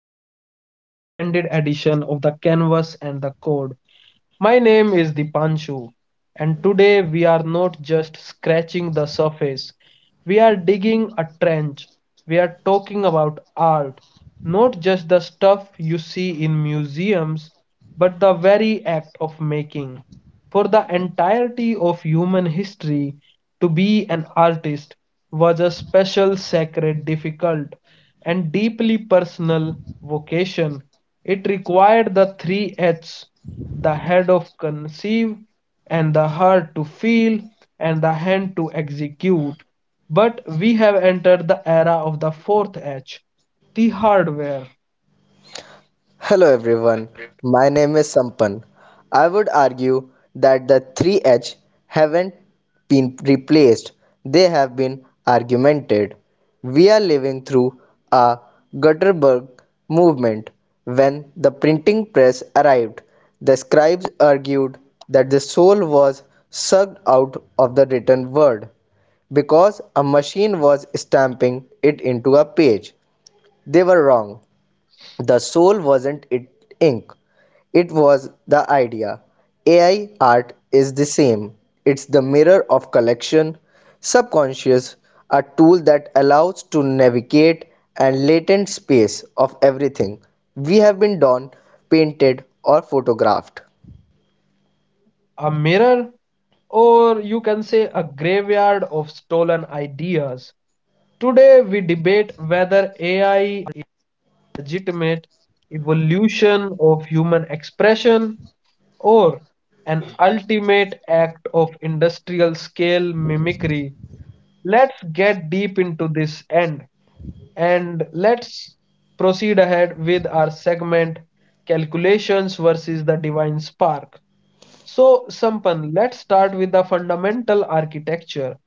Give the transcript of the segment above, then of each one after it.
the special extended edition of the Canvas and the Code. My name is Dipanshu, and today we are not just scratching the surface. We are digging a trench. We are talking about art, not just the stuff you see in museums, but the very act of making. For the entirety of human history, to be an artist was a special, sacred, difficult, and deeply personal vocation. It required the three H's, the head of conceive and the heart to feel and the hand to execute, but we have entered the era of the fourth h, the hardware. Hello everyone, my name is Sampan. I would argue that the 3H haven't been replaced, they have been argumented. We are living through a Gutenberg movement. When the printing press arrived, the scribes argued that the soul was sucked out of the written word because a machine was stamping it into a page. They were wrong. The soul wasn't it ink, it was the idea. AI art is the same. It's the mirror of collection, subconscious, a tool that allows to navigate and latent space of everything we have been done, painted or photographed. A mirror, or you can say a graveyard of stolen ideas. Today we debate whether ai legitimate evolution of human expression or an ultimate act of industrial scale mimicry. Let's get deep into this end and let's proceed ahead with our segment, calculations versus the divine spark. So, Sampan, let's start with the fundamental architecture.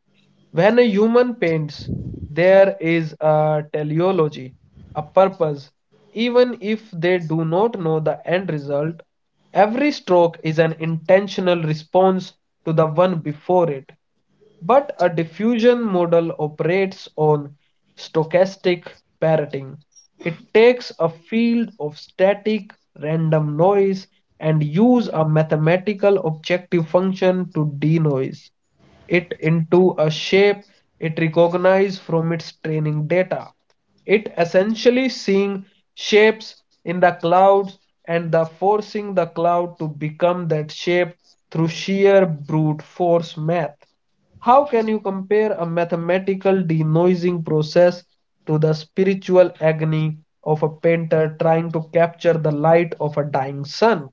When a human paints, there is a teleology, a purpose. Even if they do not know the end result, every stroke is an intentional response to the one before it. But a diffusion model operates on stochastic parroting. It takes a field of static random noise and use a mathematical objective function to denoise it into a shape it recognizes from its training data. It essentially seeing shapes in the clouds and the forcing the cloud to become that shape through sheer brute force math. How can you compare a mathematical denoising process to the spiritual agony of a painter trying to capture the light of a dying sun?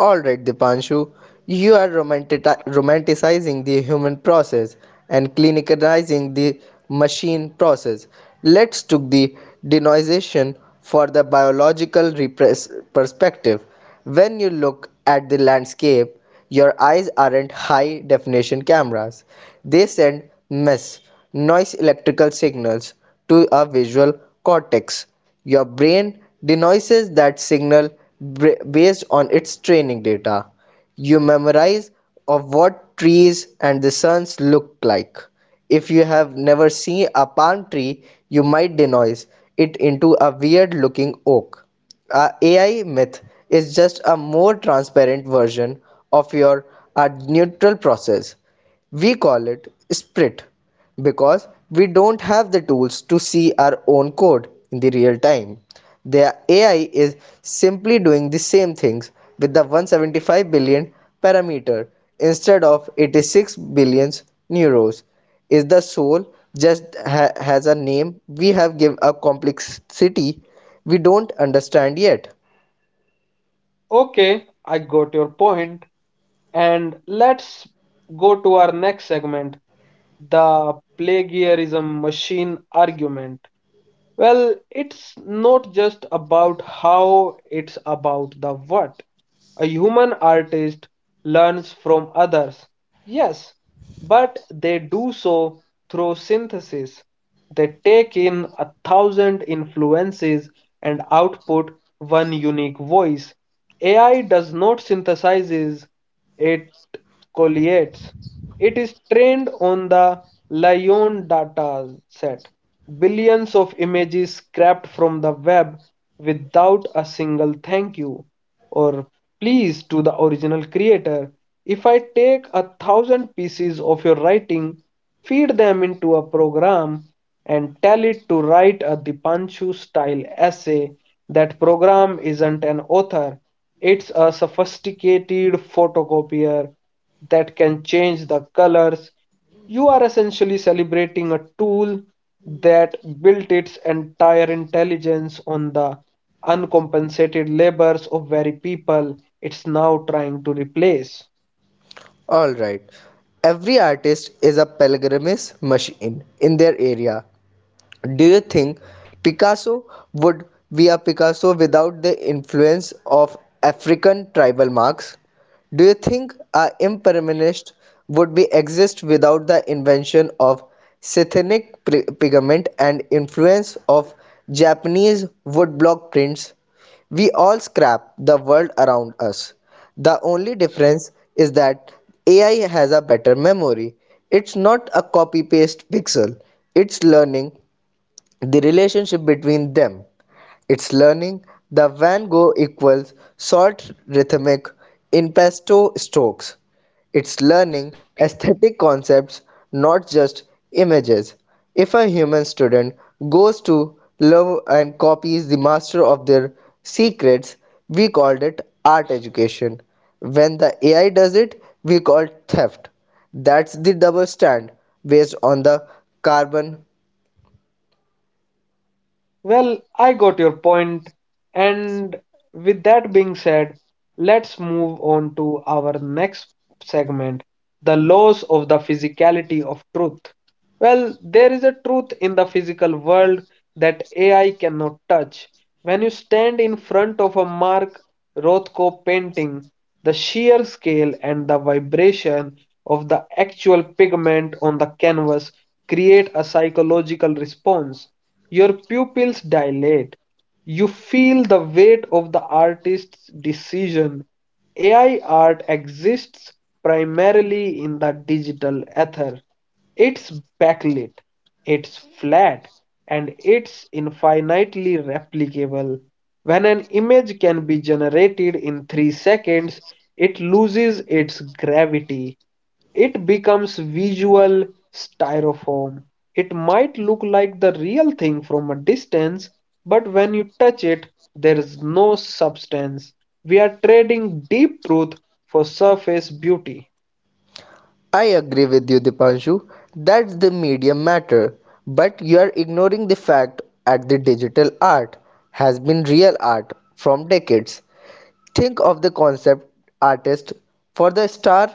Alright, Dipanshu, you are romanticizing the human process and clinicalizing the machine process. Let's took the denoization for the biological perspective. When you look at the landscape, your eyes aren't high definition cameras. They send mess, noise electrical signals to a visual cortex. Your brain denoises that signal based on its training data. You memorize of what trees and the suns look like. If you have never seen a palm tree, you might denoise it into a weird looking oak. A AI myth is just a more transparent version of your a neutral process. We call it Sprit because we don't have the tools to see our own code in the real time. The AI is simply doing the same things with the 175 billion parameter instead of 86 billion neurons. Is the soul just has a name? We have given a complexity we don't understand yet. Okay, I got your point. And let's go to our next segment, the plagiarism machine argument. Well, it's not just about how, it's about the what. A human artist learns from others, yes, but they do so through synthesis. They take in a thousand influences and output one unique voice. AI does not synthesizes it Colliers. It is trained on the Lion dataset, billions of images scraped from the web without a single thank you or please to the original creator. If I take a thousand pieces of your writing, feed them into a program and tell it to write a Dipanchu style essay. That program isn't an author, it's a sophisticated photocopier that can change the colors. You are essentially celebrating a tool that built its entire intelligence on the uncompensated labors of very people it's now trying to replace. All right. Every artist is a pilgrimage machine in their area. Do you think Picasso would be a Picasso without the influence of African tribal marks? Do you think a impermanist would be exist without the invention of Scythenic pigment and influence of Japanese woodblock prints? We all scrap the world around us. The only difference is that AI has a better memory. It's not a copy paste pixel, it's learning the relationship between them, its learning, the Van Gogh equals short rhythmic impasto strokes. It's learning aesthetic concepts, not just images. If a human student goes to love and copies the master of their secrets, we called it art education. When the AI does it, we call it theft. That's the double stand based on the carbon. Well, I got your point, and with that being said, let's move on to our next segment, the laws of the physicality of truth. Well, there is a truth in the physical world that AI cannot touch. When you stand in front of a Mark Rothko painting, the sheer scale and the vibration of the actual pigment on the canvas create a psychological response. Your pupils dilate. You feel the weight of the artist's decision. AI art exists primarily in the digital ether. It's backlit, it's flat, and it's infinitely replicable. When an image can be generated in 3 seconds, it loses its gravity. It becomes visual styrofoam. It might look like the real thing from a distance, but when you touch it, there is no substance. We are trading deep truth for surface beauty. I agree with you, Dipanshu. That's the medium matter. But you are ignoring the fact that the digital art has been real art from decades. Think of the concept artist for the Star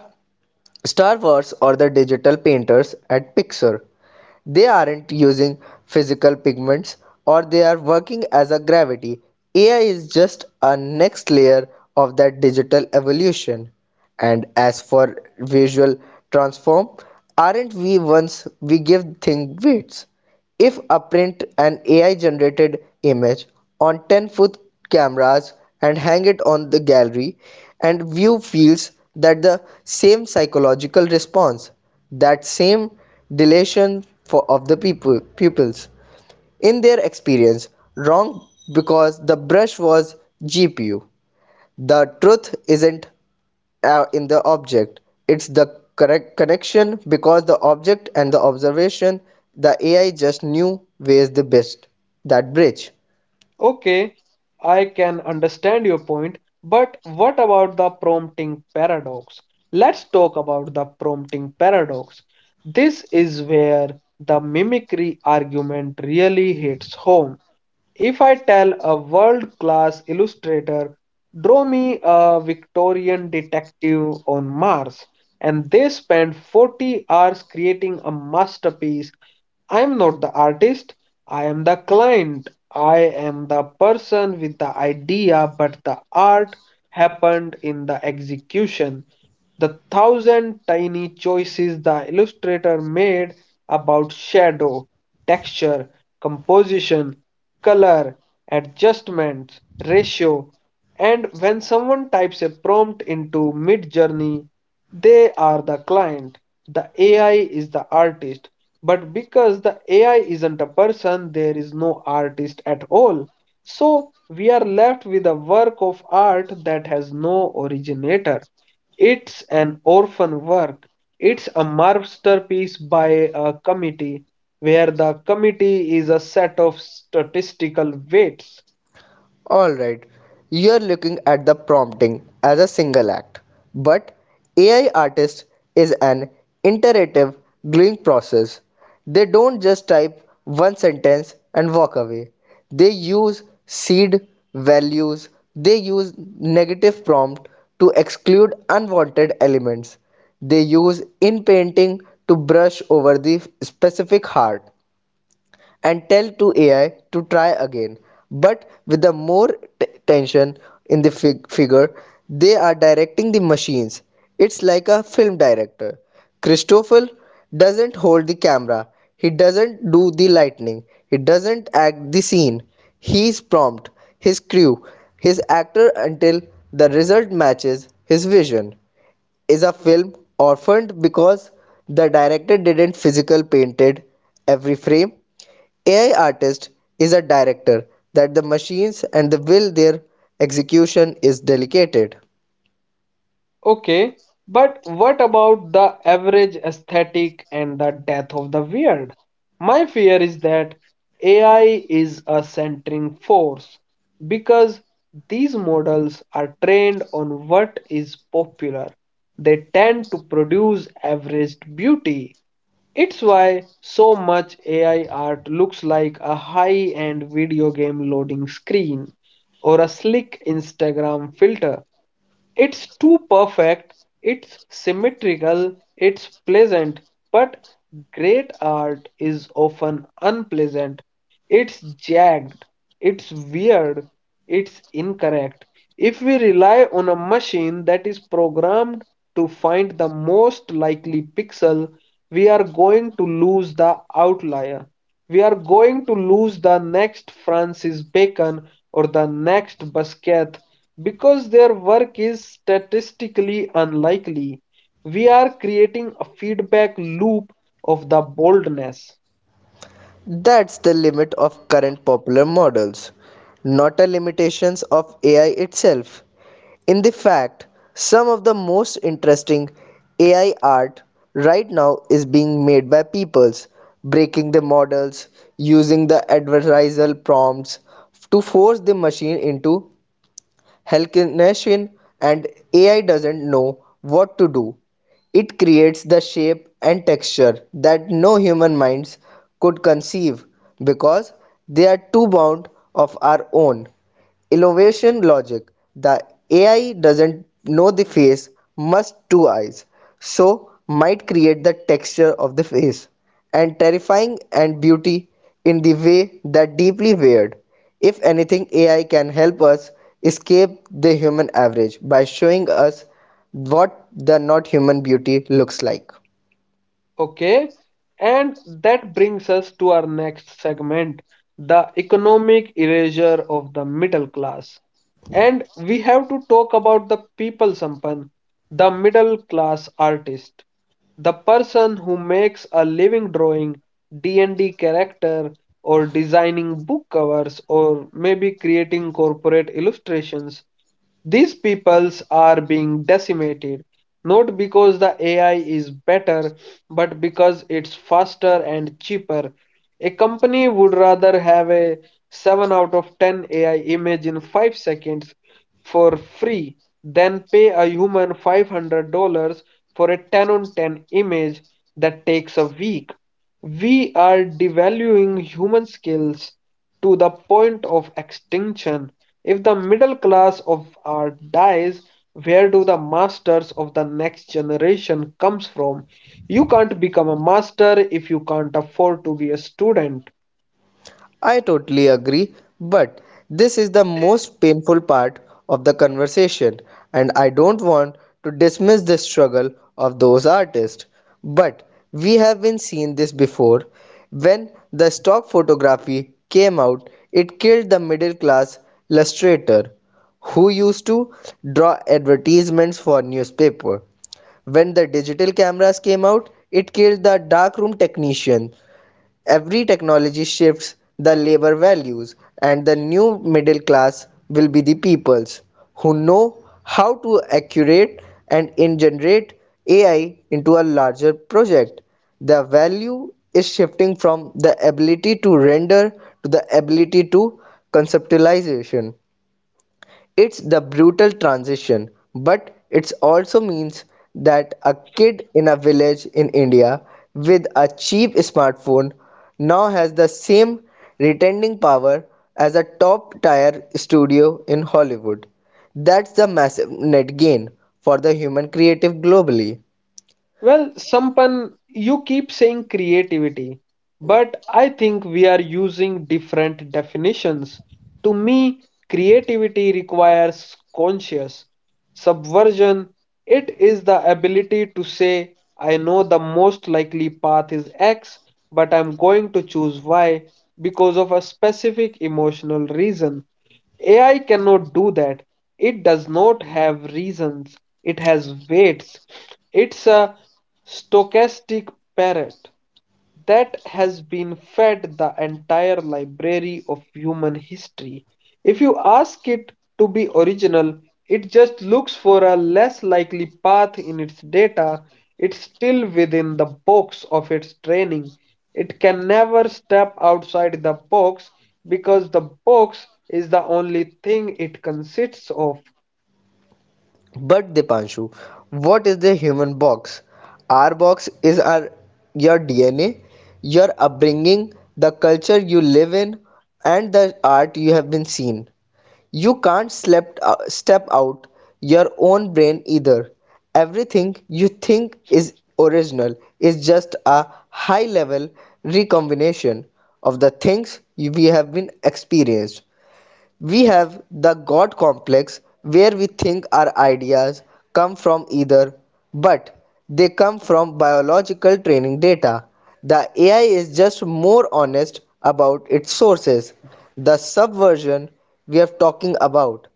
Star Wars or the digital painters at Pixar. They aren't using physical pigments or they are working as a gravity. AI is just a next layer of that digital evolution, and as for visual transform, aren't we once we give thing weights if upprint an AI-generated image on ten-foot cameras and hang it on the gallery and view feels that the same psychological response, that same dilation for, of the people, pupils. In their experience, wrong because the brush was GPU. The truth isn't in the object, it's the correct connection because the object and the observation, the AI just knew where's the best that bridge. Okay, I can understand your point, but what about the prompting paradox? Let's talk about the prompting paradox. This is where the mimicry argument really hits home. If I tell a world class illustrator, draw me a Victorian detective on Mars, and they spend 40 hours creating a masterpiece, I am not the artist, I am the client. I am the person with the idea, but the art happened in the execution. The thousand tiny choices the illustrator made about shadow, texture, composition, color, adjustments, ratio, and when someone types a prompt into Midjourney, they are the client. The AI is the artist. But because the AI isn't a person, there is no artist at all. So we are left with a work of art that has no originator. It's an orphan work. It's a masterpiece by a committee, where the committee is a set of statistical weights. Alright, you're looking at the prompting as a single act, but AI artist is an iterative gluing process. They don't just type one sentence and walk away. They use seed values, they use negative prompt to exclude unwanted elements. They use in painting to brush over the specific heart and tell to AI to try again. But with the more tension in the figure, they are directing the machines. It's like a film director. Christopher doesn't hold the camera. He doesn't do the lightning. He doesn't act the scene. He's prompt his crew, his actor until the result matches his vision. Is a film orphaned because the director didn't physical painted every frame? AI artist is a director that the machines and the will their execution is delegated. Okay, but what about the average aesthetic and the death of the weird? My fear is that AI is a centering force because these models are trained on what is popular. They tend to produce averaged beauty. It's why so much AI art looks like a high end video game loading screen or a slick Instagram filter. It's too perfect, it's symmetrical, it's pleasant, but great art is often unpleasant. It's jagged, it's weird, it's incorrect. If we rely on a machine that is programmed to find the most likely pixel, we are going to lose the outlier. We are going to lose the next Francis Bacon or the next Basquiat because their work is statistically unlikely, we are creating a feedback loop of the boldness. That's the limit of current popular models, not a limitations of AI itself. In the fact, some of the most interesting AI art right now is being made by peoples breaking the models using the adversarial prompts to force the machine into hallucination, and AI doesn't know what to do. It creates the shape and texture that no human minds could conceive because they are too bound of our own. Elevation logic. The AI doesn't know the face must two eyes, so might create the texture of the face and terrifying and beauty in the way that deeply weird. If anything, AI can help us escape the human average by showing us what the not human beauty looks like. Okay, and that brings us to our next segment, the economic erasure of the middle class. And we have to talk about the people, Sampan, the middle class artist, the person who makes a living drawing D&D character or designing book covers or maybe creating corporate illustrations. These peoples are being decimated not because the AI is better, but because it's faster and cheaper. A company would rather have a 7 out of 10 AI image in 5 seconds for free, then pay a human $500 for a 10 on 10 image that takes a week. We are devaluing human skills to the point of extinction. If the middle class of art dies, where do the masters of the next generation comes from? You can't become a master if you can't afford to be a student. I totally agree, but this is the most painful part of the conversation, and I don't want to dismiss the struggle of those artists. But we have been seeing this before. When the stock photography came out, it killed the middle class illustrator who used to draw advertisements for newspaper. When the digital cameras came out, it killed the darkroom technician. Every technology shifts the labor values, and the new middle class will be the peoples who know how to accurate and integrate AI into a larger project. The value is shifting from the ability to render to the ability to conceptualization. It's the brutal transition, but it also means that a kid in a village in India with a cheap smartphone now has the same retaining power as a top tier studio in Hollywood. That's the massive net gain for the human creative globally. Well, Sampan, you keep saying creativity, but I think we are using different definitions. To me, creativity requires conscious subversion. It is the ability to say, I know the most likely path is X, but I'm going to choose Y because of a specific emotional reason. AI cannot do that. It does not have reasons, it has weights. It's a stochastic parrot that has been fed the entire library of human history. If you ask it to be original, it just looks for a less likely path in its data. It's still within the box of its training. It can never step outside the box because the box is the only thing it consists of. But Dipanshu, what is the human box? Our box is our your DNA, your upbringing, the culture you live in, and the art you have been seen. You can't step out your own brain either. Everything you think is original is just a high level recombination of the things we have been experienced. We have the God complex where we think our ideas come from either, but they come from biological training data. The AI is just more honest about its sources. The subversion we are talking about,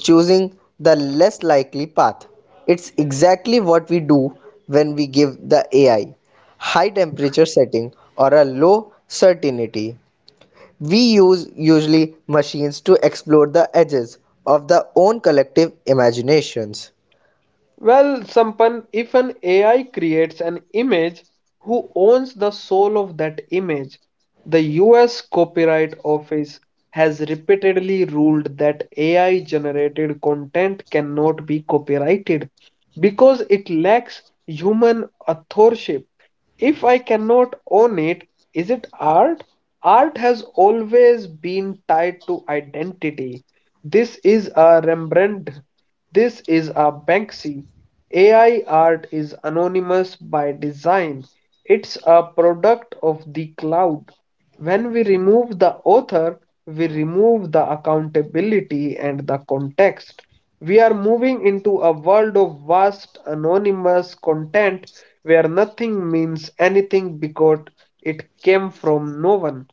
choosing the less likely path. It's exactly what we do when we give the AI high temperature setting or a low certainty we use usually machines to explore the edges of their own collective imaginations. Well, Sampan, if an AI creates an image, who owns the soul of that image? The US Copyright Office has repeatedly ruled that AI generated content cannot be copyrighted because it lacks human authorship. If I cannot own it, is it art? Art has always been tied to identity. This is a Rembrandt, this is a Banksy. AI art is anonymous by design. It's a product of the cloud. When we remove the author, we remove the accountability and the context. We are moving into a world of vast, anonymous content where nothing means anything because it came from no one.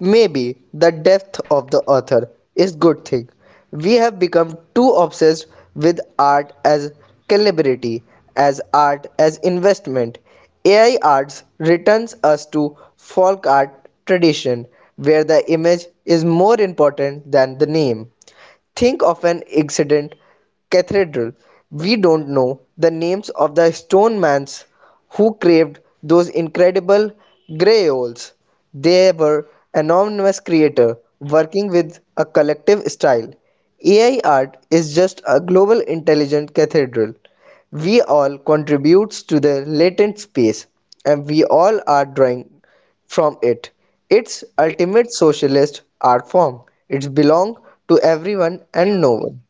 Maybe the death of the author is good thing. We have become too obsessed with art as celebrity, as art as investment. AI arts returns us to folk art tradition where the image is more important than the name. Think of an extant cathedral. We don't know the names of the stone masons who carved those incredible griots. They were anonymous creators working with a collective style. AI art is just a global intelligent cathedral. We all contribute to the latent space and we all are drawing from it, its ultimate socialist art form, it belongs to everyone and no one.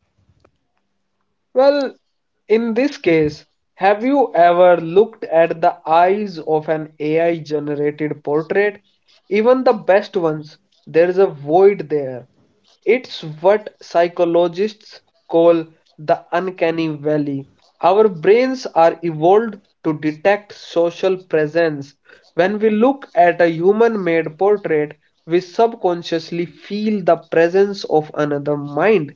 Well, in this case, have you ever looked at the eyes of an AI generated portrait? Even the best ones, there is a void there. It's what psychologists call the uncanny valley. Our brains are evolved to detect social presence. When we look at a human made portrait, we subconsciously feel the presence of another mind.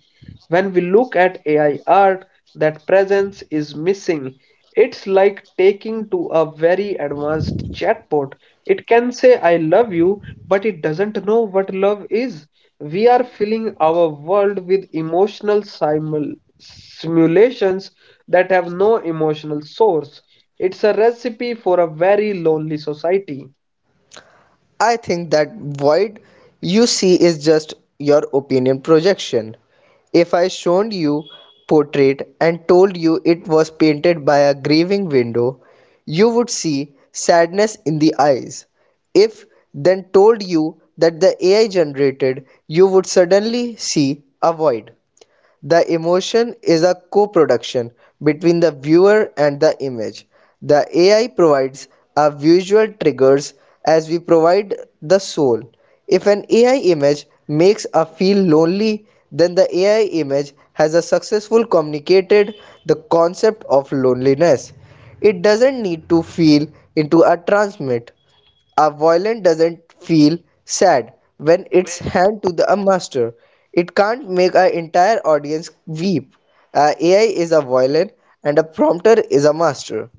When we look at AI art, that presence is missing. It's like taking to a very advanced chatbot. It can say, I love you, but it doesn't know what love is. We are filling our world with emotional simulations that have no emotional source. It's a recipe for a very lonely society. I think that void you see is just your opinion projection. If I showed you portrait and told you it was painted by a grieving window, you would see sadness in the eyes. If then told you that the AI generated, you would suddenly see a void. The emotion is a co-production between the viewer and the image. The AI provides our visual triggers as we provide the soul. If an AI image makes us feel lonely, then the AI image has a successful communicated the concept of loneliness. It doesn't need to feel into a transmit. A violin doesn't feel sad when it's hand to the, a master. It can't make an entire audience weep. A AI is a violin and a prompter is a master.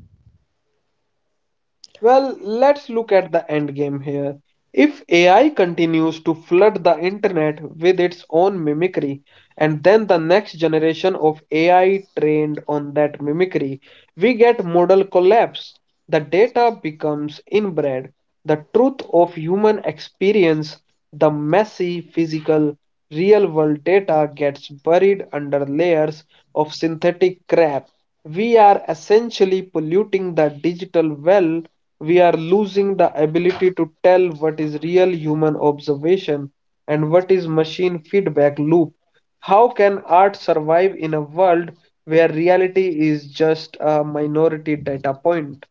Well, let's look at the end game here. If AI continues to flood the internet with its own mimicry, and then the next generation of AI trained on that mimicry, we get model collapse. The data becomes inbred. The truth of human experience, the messy, physical, real world data gets buried under layers of synthetic crap. We are essentially polluting the digital well. We are losing the ability to tell what is real human observation and what is machine feedback loop? How can art survive in a world where reality is just a minority data point?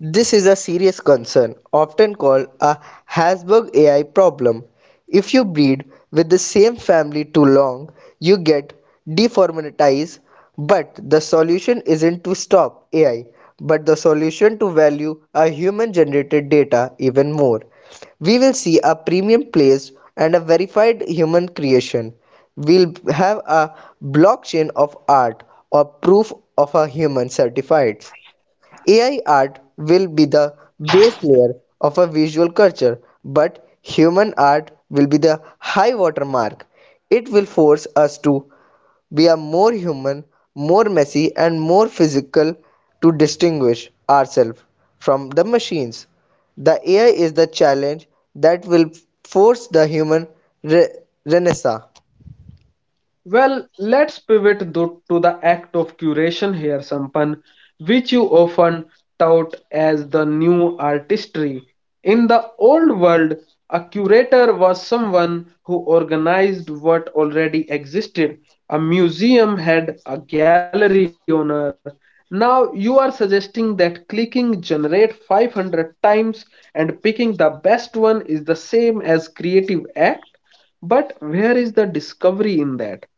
This is a serious concern, often called a Hasberg AI problem. If you breed with the same family too long, you get deformatized. But the solution isn't to stop AI, but the solution to value our human generated data even more. We will see a premium place and a verified human creation. We'll have a blockchain of art or proof of a human certified. AI art will be the base layer of a visual culture, but human art will be the high water mark. It will force us to be a more human, more messy, and more physical to distinguish ourselves from the machines. The AI is the challenge that will force the human re- renaissance. Well, let's pivot to the act of curation here, Sampan, which you often tout as the new artistry. In the old world, a curator was someone who organized what already existed. A museum had a gallery owner. Now you are suggesting that clicking generate 500 times and picking the best one is the same as creative act? But where is the discovery in that?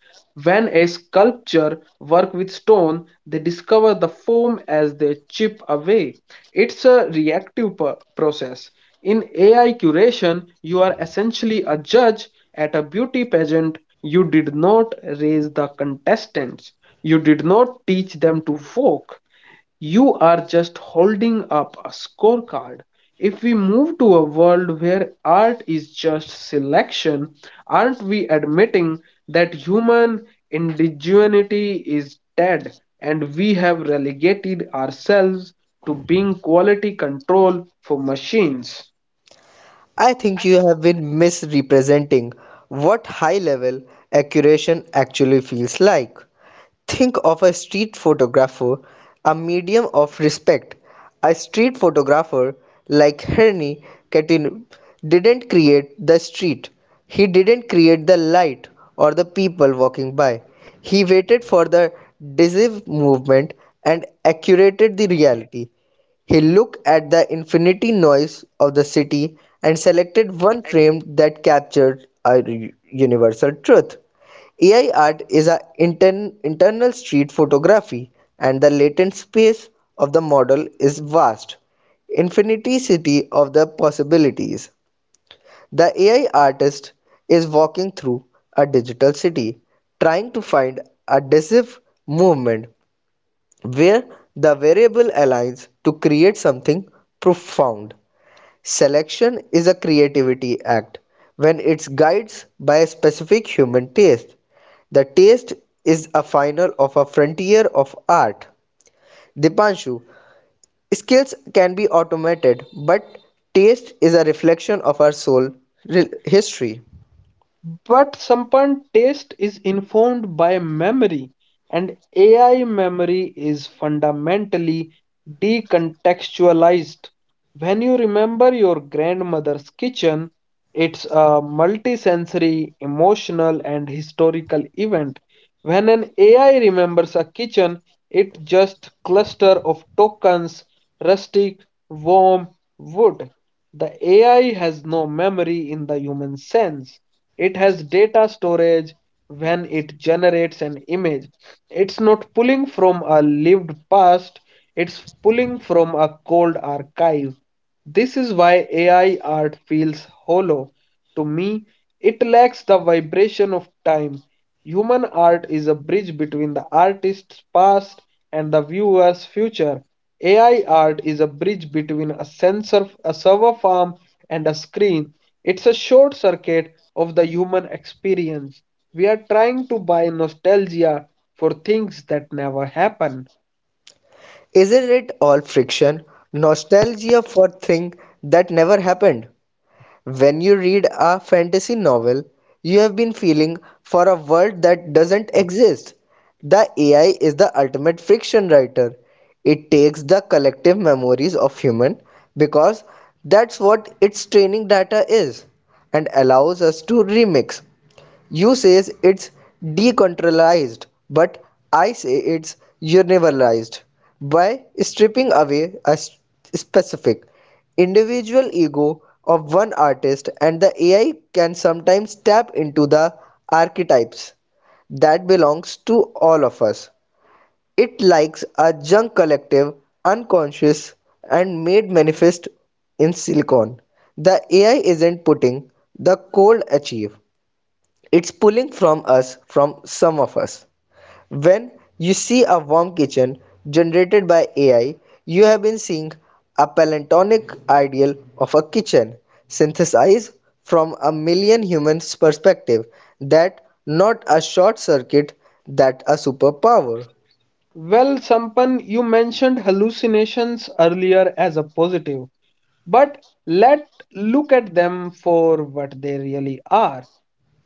When a sculptor work with stone, they discover the form as they chip away. It's a reactive process. In AI curation, you are essentially a judge at a beauty pageant. You did not raise the contestants. You did not teach them to walk. You are just holding up a scorecard. If we move to a world where art is just selection, aren't we admitting that human indigeneity is dead and we have relegated ourselves to being quality control for machines? I think you have been misrepresenting what high level accuracy actually feels like. Think of a street photographer, a medium of respect. A street photographer like Henri Catin didn't create the street. He didn't create the light or the people walking by. He waited for the decisive movement and accurated the reality. He looked at the infinity noise of the city and selected one frame that captured a universal truth. AI art is an internal street photography, and the latent space of the model is vast, infinity of the possibilities. The AI artist is walking through a digital city, trying to find adhesive movement where the variable aligns to create something profound. Selection is a creativity act when it's guided by a specific human taste. The taste is a final of a frontier of art. Dipanshu, skills can be automated, but taste is a reflection of our soul history. But Sampan taste is informed by memory, and AI memory is fundamentally decontextualized. When you remember your grandmother's kitchen, it's a multisensory, emotional, and historical event. When an AI remembers a kitchen, it just cluster of tokens, rustic, warm, wood. The AI has no memory in the human sense. It has data storage when it generates an image. It's not pulling from a lived past, it's pulling from a cold archive. This is why AI art feels hollow. To me, it lacks the vibration of time. Human art is a bridge between the artist's past and the viewer's future. AI art is a bridge between a sensor, a server farm, and a screen. It's a short circuit of the human experience. We are trying to buy nostalgia for things that never happen. Isn't it all friction? Nostalgia for things that never happened. When you read a fantasy novel, you have been feeling for a world that doesn't exist. The AI is the ultimate fiction writer. It takes the collective memories of human because that's what its training data is and allows us to remix. You says it's decentralized, but I say it's universalized by stripping away a specific individual ego of one artist and the AI can sometimes tap into the archetypes that belongs to all of us. It likes a junk collective, unconscious, and made manifest in silicon. The AI isn't putting the cold achieve. It's pulling from us, from some of us. When you see a warm kitchen generated by AI, you have been seeing a palantonic ideal of a kitchen synthesized from a million humans' perspective. That not a short circuit, that a superpower. Well, Sampan, you mentioned hallucinations earlier as a positive. But let look at them for what they really are.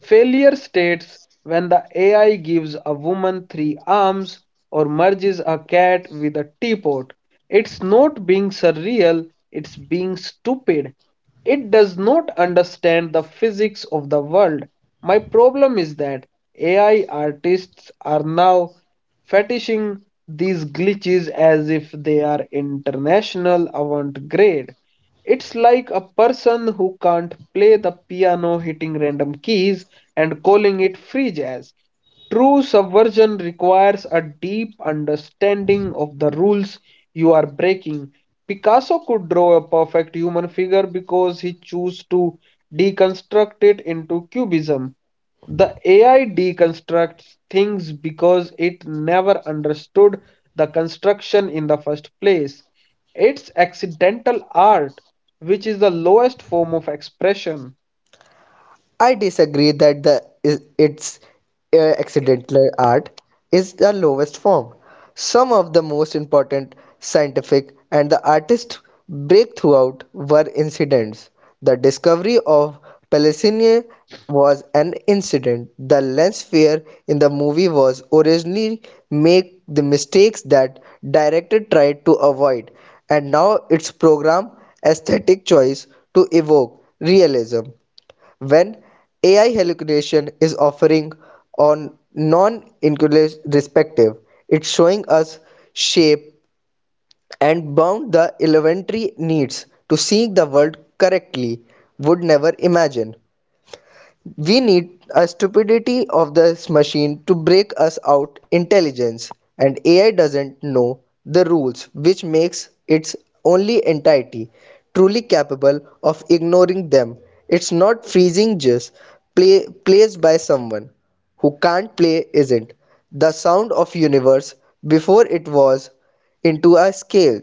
Failure states when the AI gives a woman three arms or merges a cat with a teapot. It's not being surreal, it's being stupid. It does not understand the physics of the world. My problem is that AI artists are now fetishing these glitches as if they are international avant garde. It's like a person who can't play the piano hitting random keys and calling it free jazz. True subversion requires a deep understanding of the rules you are breaking. Picasso could draw a perfect human figure because he chose to deconstruct it into cubism. The AI deconstructs things because it never understood the construction in the first place. It's accidental art, which is the lowest form of expression. I disagree that the is- its accidental art is the lowest form. Some of the most important scientific and the artist breakthroughs were incidents. The discovery of Palestinian was an incident. The lens flare in the movie was originally make the mistakes that director tried to avoid, and now its program aesthetic choice to evoke realism when AI hallucination is occurring on non-inclusive respective, it's showing us shape and bound the elementary needs to seeing the world correctly would never imagine. We need a stupidity of this machine to break us out intelligence and AI doesn't know the rules which makes its only entity truly capable of ignoring them. It's not freezing just play placed by someone who can't play isn't the sound of universe before it was into a scale.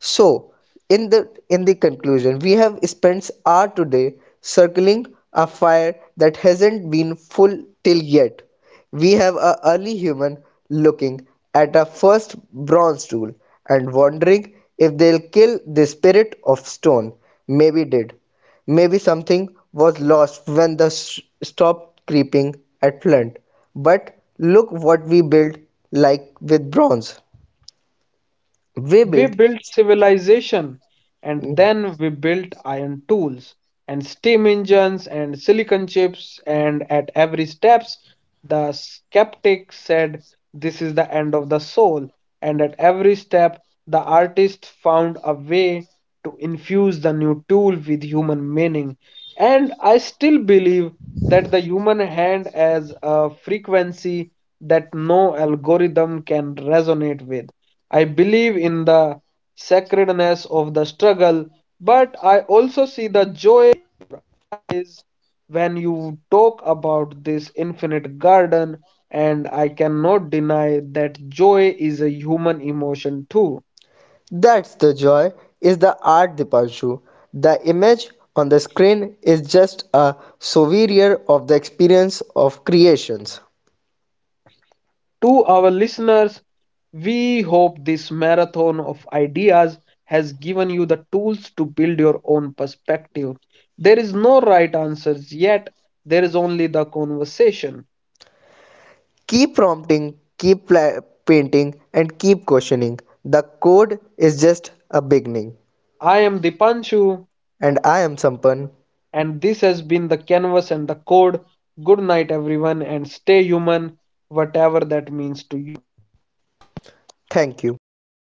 So, in the conclusion, we have spent hour today circling a fire that hasn't been full till yet. We have a early human looking at a first bronze tool and wondering if they'll kill the spirit of stone. Maybe did. Maybe something was lost when the stopped creeping at Flint. But look what we built like with bronze. We We built. built civilization and then we built iron tools and steam engines and silicon chips and at every steps the skeptic said this is the end of the soul and at every step the artist found a way to infuse the new tool with human meaning and I still believe that the human hand has a frequency that no algorithm can resonate with. I believe in the sacredness of the struggle, but I also see the joy is when you talk about this infinite garden, and I cannot deny that joy is a human emotion too. That's the joy, is the art Dipanshu. The image on the screen is just a souvenir of the experience of creations. To our listeners, we hope this marathon of ideas has given you the tools to build your own perspective. There is no right answers yet, there is only the conversation. Keep prompting, keep painting, and keep questioning. The code is just a beginning. I am Dipanshu. And I am Sampan. And this has been the canvas and the code. Good night, everyone, and stay human, whatever that means to you. Thank you.